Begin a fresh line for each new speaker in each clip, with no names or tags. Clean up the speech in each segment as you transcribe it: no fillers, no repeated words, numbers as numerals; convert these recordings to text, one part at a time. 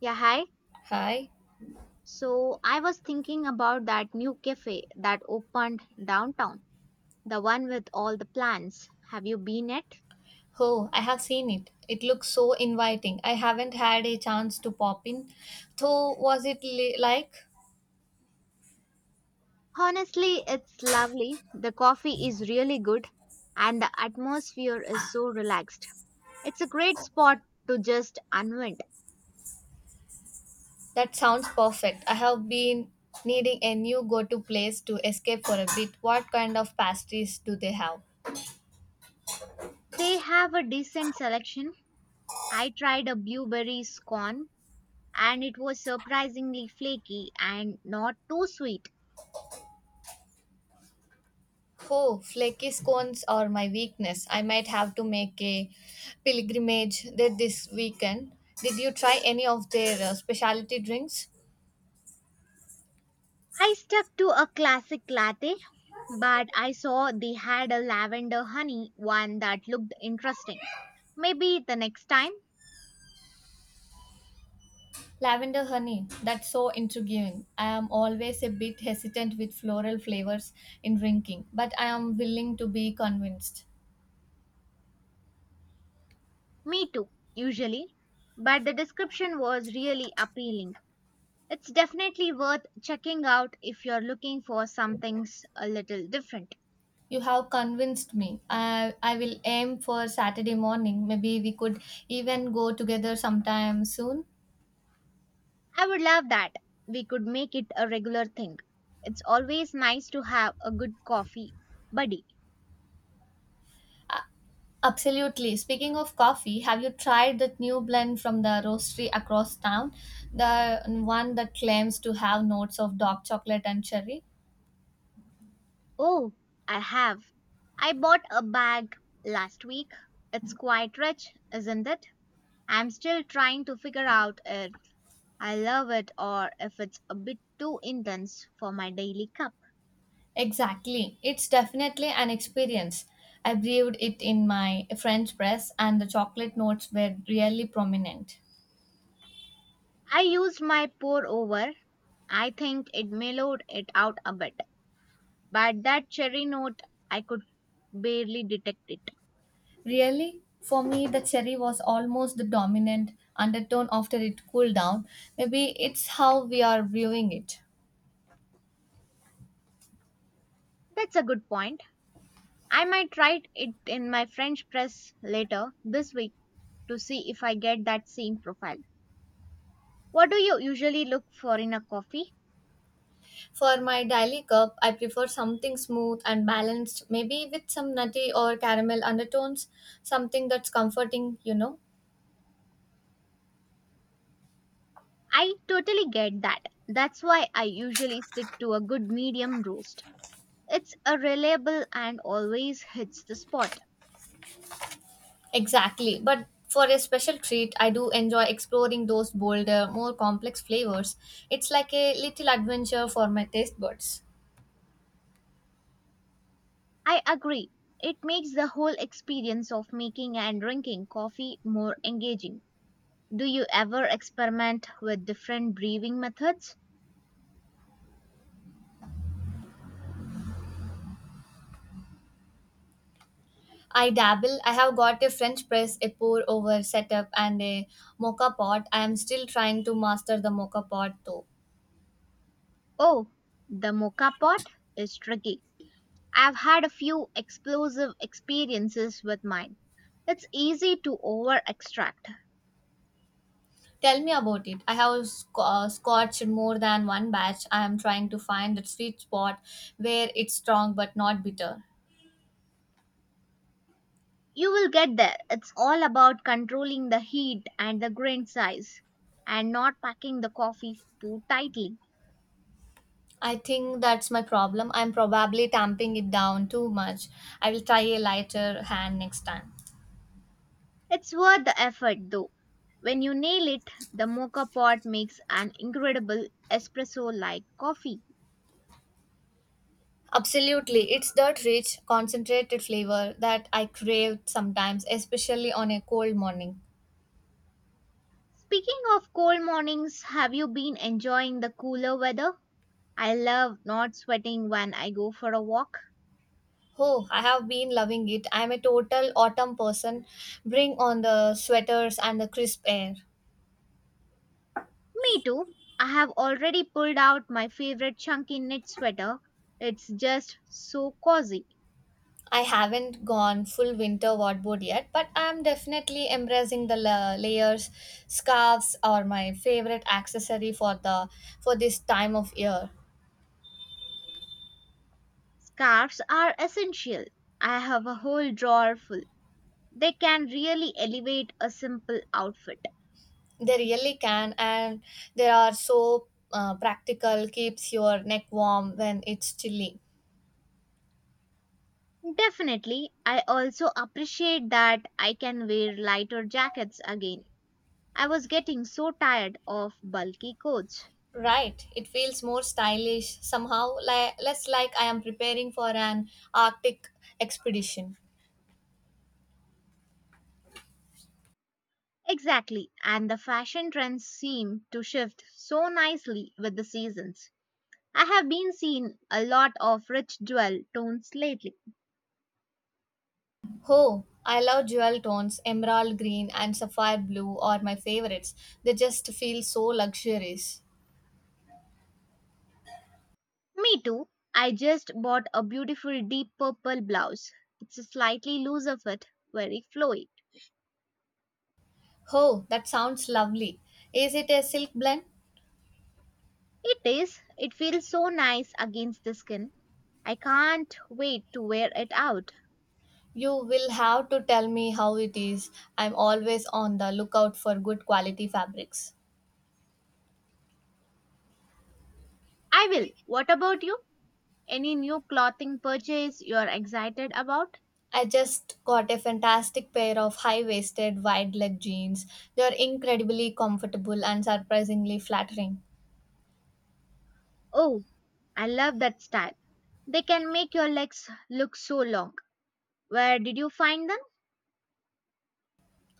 Yeah, hi.
Hi.
So I was thinking about that new cafe that opened downtown, the one with all the plants. Have you been it?
Oh, I have seen it. It looks so inviting. I haven't had a chance to pop in. Though, was it like?
Honestly, it's lovely. The coffee is really good and the atmosphere is so relaxed. It's a great spot to just unwind.
That sounds perfect. I have been needing a new go to place to escape for a bit. What kind of pastries do they have?
They have a decent selection. I tried a blueberry scone and it was surprisingly flaky and not too sweet.
Oh, flaky scones are my weakness. I might have to make a pilgrimage there this weekend. Did you try any of their specialty drinks?
I stuck to a classic latte, but I saw they had a lavender honey one that looked interesting. Maybe the next time.
Lavender honey, that's so intriguing. I am always a bit hesitant with floral flavors in drinking, but I am willing to be convinced.
Me too, usually. But the description was really appealing. It's definitely worth checking out if you're looking for something a little different.
You have convinced me. I will aim for Saturday morning. Maybe we could even go together sometime soon.
I would love that. We could make it a regular thing. It's always nice to have a good coffee buddy.
Absolutely. Speaking of coffee, have you tried that new blend from the roastery across town? The one that claims to have notes of dark chocolate and cherry?
Oh, I have. I bought a bag last week. It's quite rich, isn't it? I'm still trying to figure out if I love it or if it's a bit too intense for my daily cup.
Exactly. It's definitely an experience. I brewed it in my French press, and the chocolate notes were really prominent.
I used my pour over. I think it mellowed it out a bit, but that cherry note, I could barely detect it.
Really? For me, the cherry was almost the dominant undertone after it cooled down. Maybe it's how we are viewing it.
That's a good point. I might try it in my French press later this week to see if I get that same profile. What do you usually look for in a coffee?
For my daily cup, I prefer something smooth and balanced, maybe with some nutty or caramel undertones, something that's comforting, you know.
I totally get that. That's why I usually stick to a good medium roast. It's a reliable and always hits the spot.
Exactly. But for a special treat, I do enjoy exploring those bolder, more complex flavors. It's like a little adventure for my taste buds.
I agree. It makes the whole experience of making and drinking coffee more engaging. Do you ever experiment with different brewing methods?
I dabble. I have got a French press, a pour over setup, and a mocha pot. I am still trying to master the mocha pot though.
Oh, the mocha pot is tricky. I've had a few explosive experiences with mine. It's easy to over extract.
Tell me about it. I have scotched more than one batch. I am trying to find that sweet spot where it's strong but not bitter.
You will get there. It's all about controlling the heat and the grain size and not packing the coffee too tightly.
I think that's my problem. I'm probably tamping it down too much. I will try a lighter hand next time.
It's worth the effort though. When you nail it, the mocha pot makes an incredible espresso like coffee.
Absolutely. It's that rich, concentrated flavor that I crave sometimes, especially on a cold morning.
Speaking of cold mornings, have you been enjoying the cooler weather? I love not sweating when I go for a walk.
Oh, I have been loving it. I'm a total autumn person. Bring on the sweaters and the crisp air.
Me too. I have already pulled out my favorite chunky knit sweater. It's just so cozy.
I haven't gone full winter wardrobe yet, but I'm definitely embracing the layers. Scarves are my favorite accessory for the for this time of year.
Scarves are essential. I have a whole drawer full. They can really elevate a simple outfit.
They really can, and they are so practical. Keeps your neck warm when it's chilly.
Definitely, I also appreciate that I can wear lighter jackets again. I was getting so tired of bulky coats.
Right, it feels more stylish somehow. Like less like I am preparing for an Arctic expedition.
Exactly, and the fashion trends seem to shift so nicely with the seasons. I have been seeing a lot of rich jewel tones lately.
Oh, I love jewel tones. Emerald green and sapphire blue are my favorites. They just feel so luxurious.
Me too. I just bought a beautiful deep purple blouse. It's a slightly loose of it, very flowy.
Oh, that sounds lovely. Is it a silk blend?
It is. It feels so nice against the skin. I can't wait to wear it out.
You will have to tell me how it is. I'm always on the lookout for good quality fabrics.
I will. What about you? Any new clothing purchase you're excited about?
I just got a fantastic pair of high waisted wide leg jeans. They're incredibly comfortable and surprisingly flattering.
Oh, I love that style. They can make your legs look so long. Where did you find them?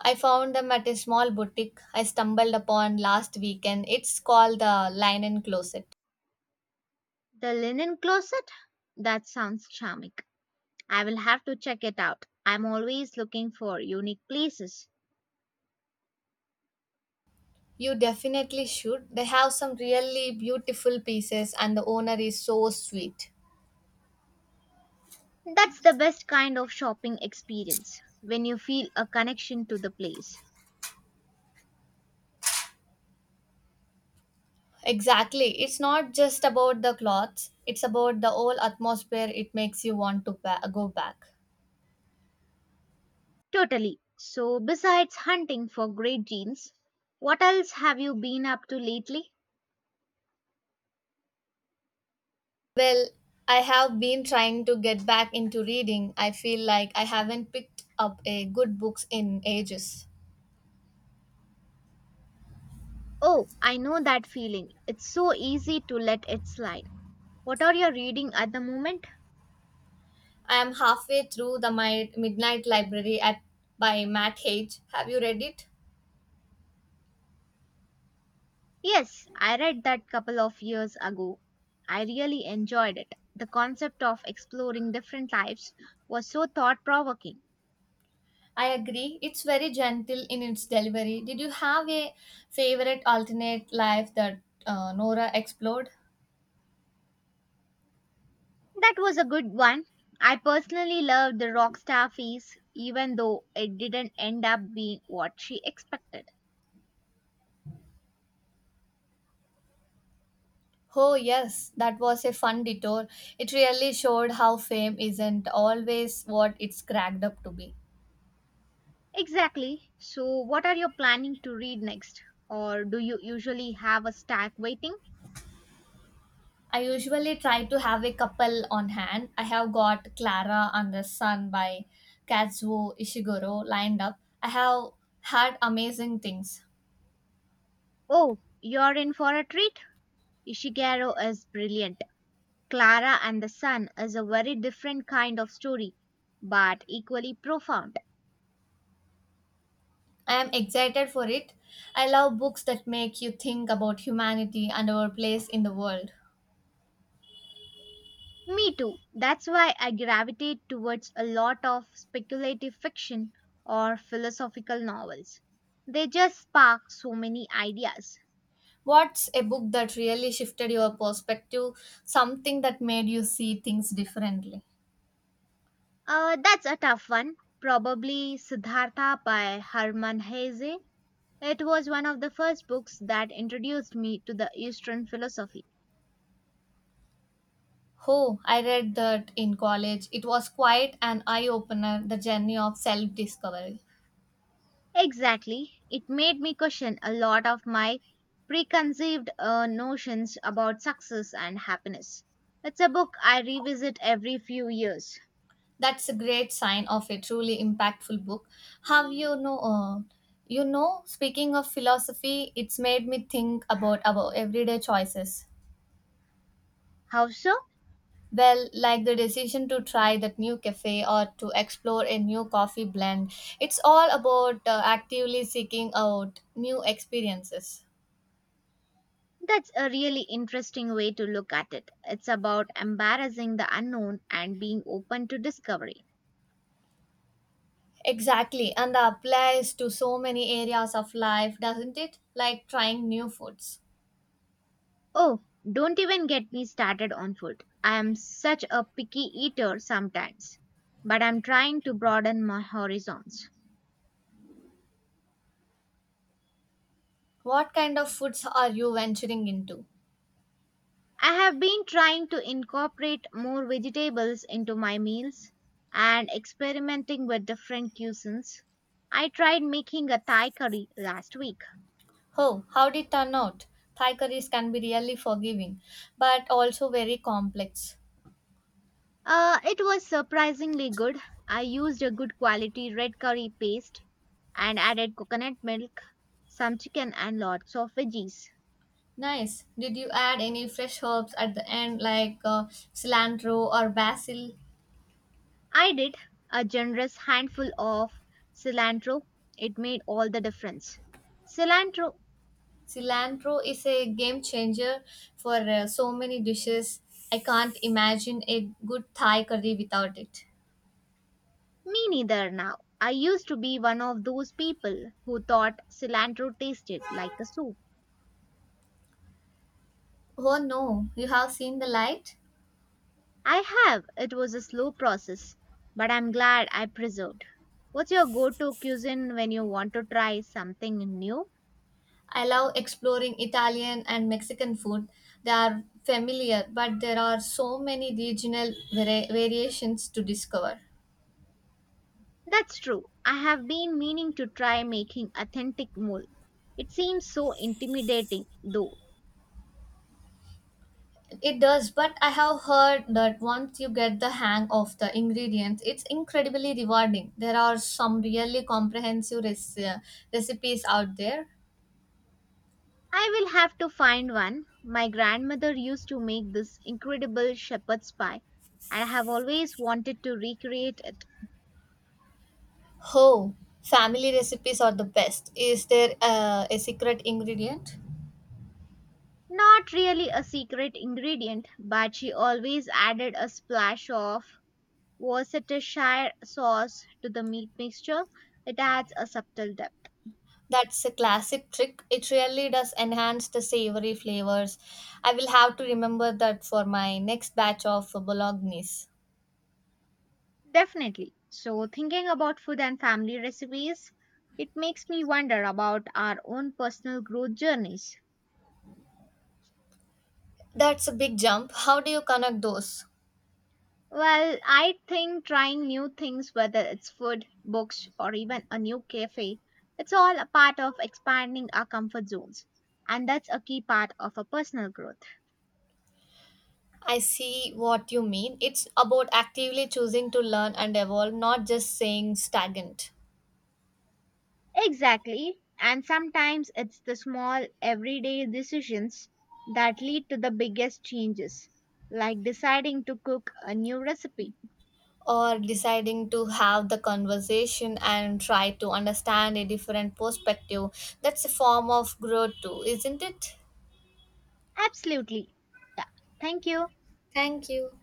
I found them at a small boutique I stumbled upon last weekend. It's called the Linen Closet.
The linen closet? That sounds charming. I will have to check it out. I'm always looking for unique places.
You definitely should. They have some really beautiful pieces, and the owner is so sweet.
That's the best kind of shopping experience when you feel a connection to the place.
Exactly. It's not just about the clothes, it's about the whole atmosphere it makes you want to go back.
Totally. So, besides hunting for great jeans, what else have you been up to lately?
Well, I have been trying to get back into reading. I feel like I haven't picked up a good books in ages.
Oh, I know that feeling. It's so easy to let it slide. What are you reading at the moment?
I am halfway through The Midnight Library, by Matt Hage. Have you read it?
Yes, I read that couple of years ago. I really enjoyed it. The concept of exploring different lives was so thought provoking.
I agree. It's very gentle in its delivery. Did you have a favorite alternate life that Nora explored?
That was a good one. I personally loved the rock star phase, even though it didn't end up being what she expected.
Oh, yes, that was a fun detour. It really showed how fame isn't always what it's cracked up to be.
Exactly. So, what are you planning to read next? Or do you usually have a stack waiting?
I usually try to have a couple on hand. I have got Clara and the Sun by Kazuo Ishiguro lined up. I have had amazing things.
Oh, you're in for a treat. Ishiguro is brilliant. Clara and the Sun is a very different kind of story, but equally profound.
I am excited for it. I love books that make you think about humanity and our place in the world.
Me too. That's why I gravitate towards a lot of speculative fiction or philosophical novels. They just spark so many ideas.
What's a book that really shifted your perspective? Something that made you see things differently?
That's a tough one. Probably Siddhartha by Hermann Hesse. It was one of the first books that introduced me to the Eastern philosophy.
Oh, I read that in college. It was quite an eye opener, the Journey of Self Discovery.
Exactly. It made me question a lot of my preconceived notions about success and happiness. It's a book I revisit every few years.
That's a great sign of a truly impactful book. Have you know? You know, Speaking of philosophy, it's made me think about our everyday choices.
How so?
Well, like the decision to try that new cafe or to explore a new coffee blend, it's all about actively seeking out new experiences.
That's a really interesting way to look at it. It's about embarrassing the unknown and being open to discovery.
Exactly, and that applies to so many areas of life, doesn't it? Like trying new foods.
Oh, don't even get me started on food. I am such a picky eater sometimes, but I'm trying to broaden my horizons.
What kind of foods are you venturing into?
I have been trying to incorporate more vegetables into my meals and experimenting with different cuisines. I tried making a Thai curry last week.
Oh, how did it turn out? Thai curries can be really forgiving, but also very complex.
It was surprisingly good. I used a good quality red curry paste and added coconut milk, some chicken, and lots of veggies.
Nice. Did you add any fresh herbs at the end, like cilantro or basil?
I did a generous handful of cilantro. It made all the difference. Cilantro.
Cilantro is a game changer for so many dishes. I can't imagine a good Thai curry without it.
Me neither now. I used to be one of those people who thought cilantro tasted like a soup.
Oh no, you have seen the light?
I have. It was a slow process, but I'm glad I preserved. What's your go to cuisine when you want to try something new?
I love exploring Italian and Mexican food. They are familiar, but there are so many regional variations to discover.
That's true. I have been meaning to try making authentic mole. It seems so intimidating, though.
It does, but I have heard that once you get the hang of the ingredients, it's incredibly rewarding. There are some really comprehensive recipes out there.
I will have to find one. My grandmother used to make this incredible shepherd's pie, and I have always wanted to recreate it.
Oh, family recipes are the best. Is there a secret ingredient?
Not really a secret ingredient, but she always added a splash of Worcestershire sauce to the meat mixture. It adds a subtle depth.
That's a classic trick. It really does enhance the savory flavors. I will have to remember that for my next batch of bolognese.
Definitely. So, thinking about food and family recipes, it makes me wonder about our own personal growth journeys.
That's a big jump. How do you connect those?
Well, I think trying new things, whether it's food, books, or even a new cafe, it's all a part of expanding our comfort zones. And that's a key part of a personal growth.
I see what you mean. It's about actively choosing to learn and evolve, not just saying stagnant
Exactly. And sometimes it's the small everyday decisions that lead to the biggest changes, like deciding to cook a new recipe.
or deciding to have the conversation and try to understand a different perspective. That's a form of growth, too, isn't it?
Absolutely. Yeah. Thank you.
Thank you.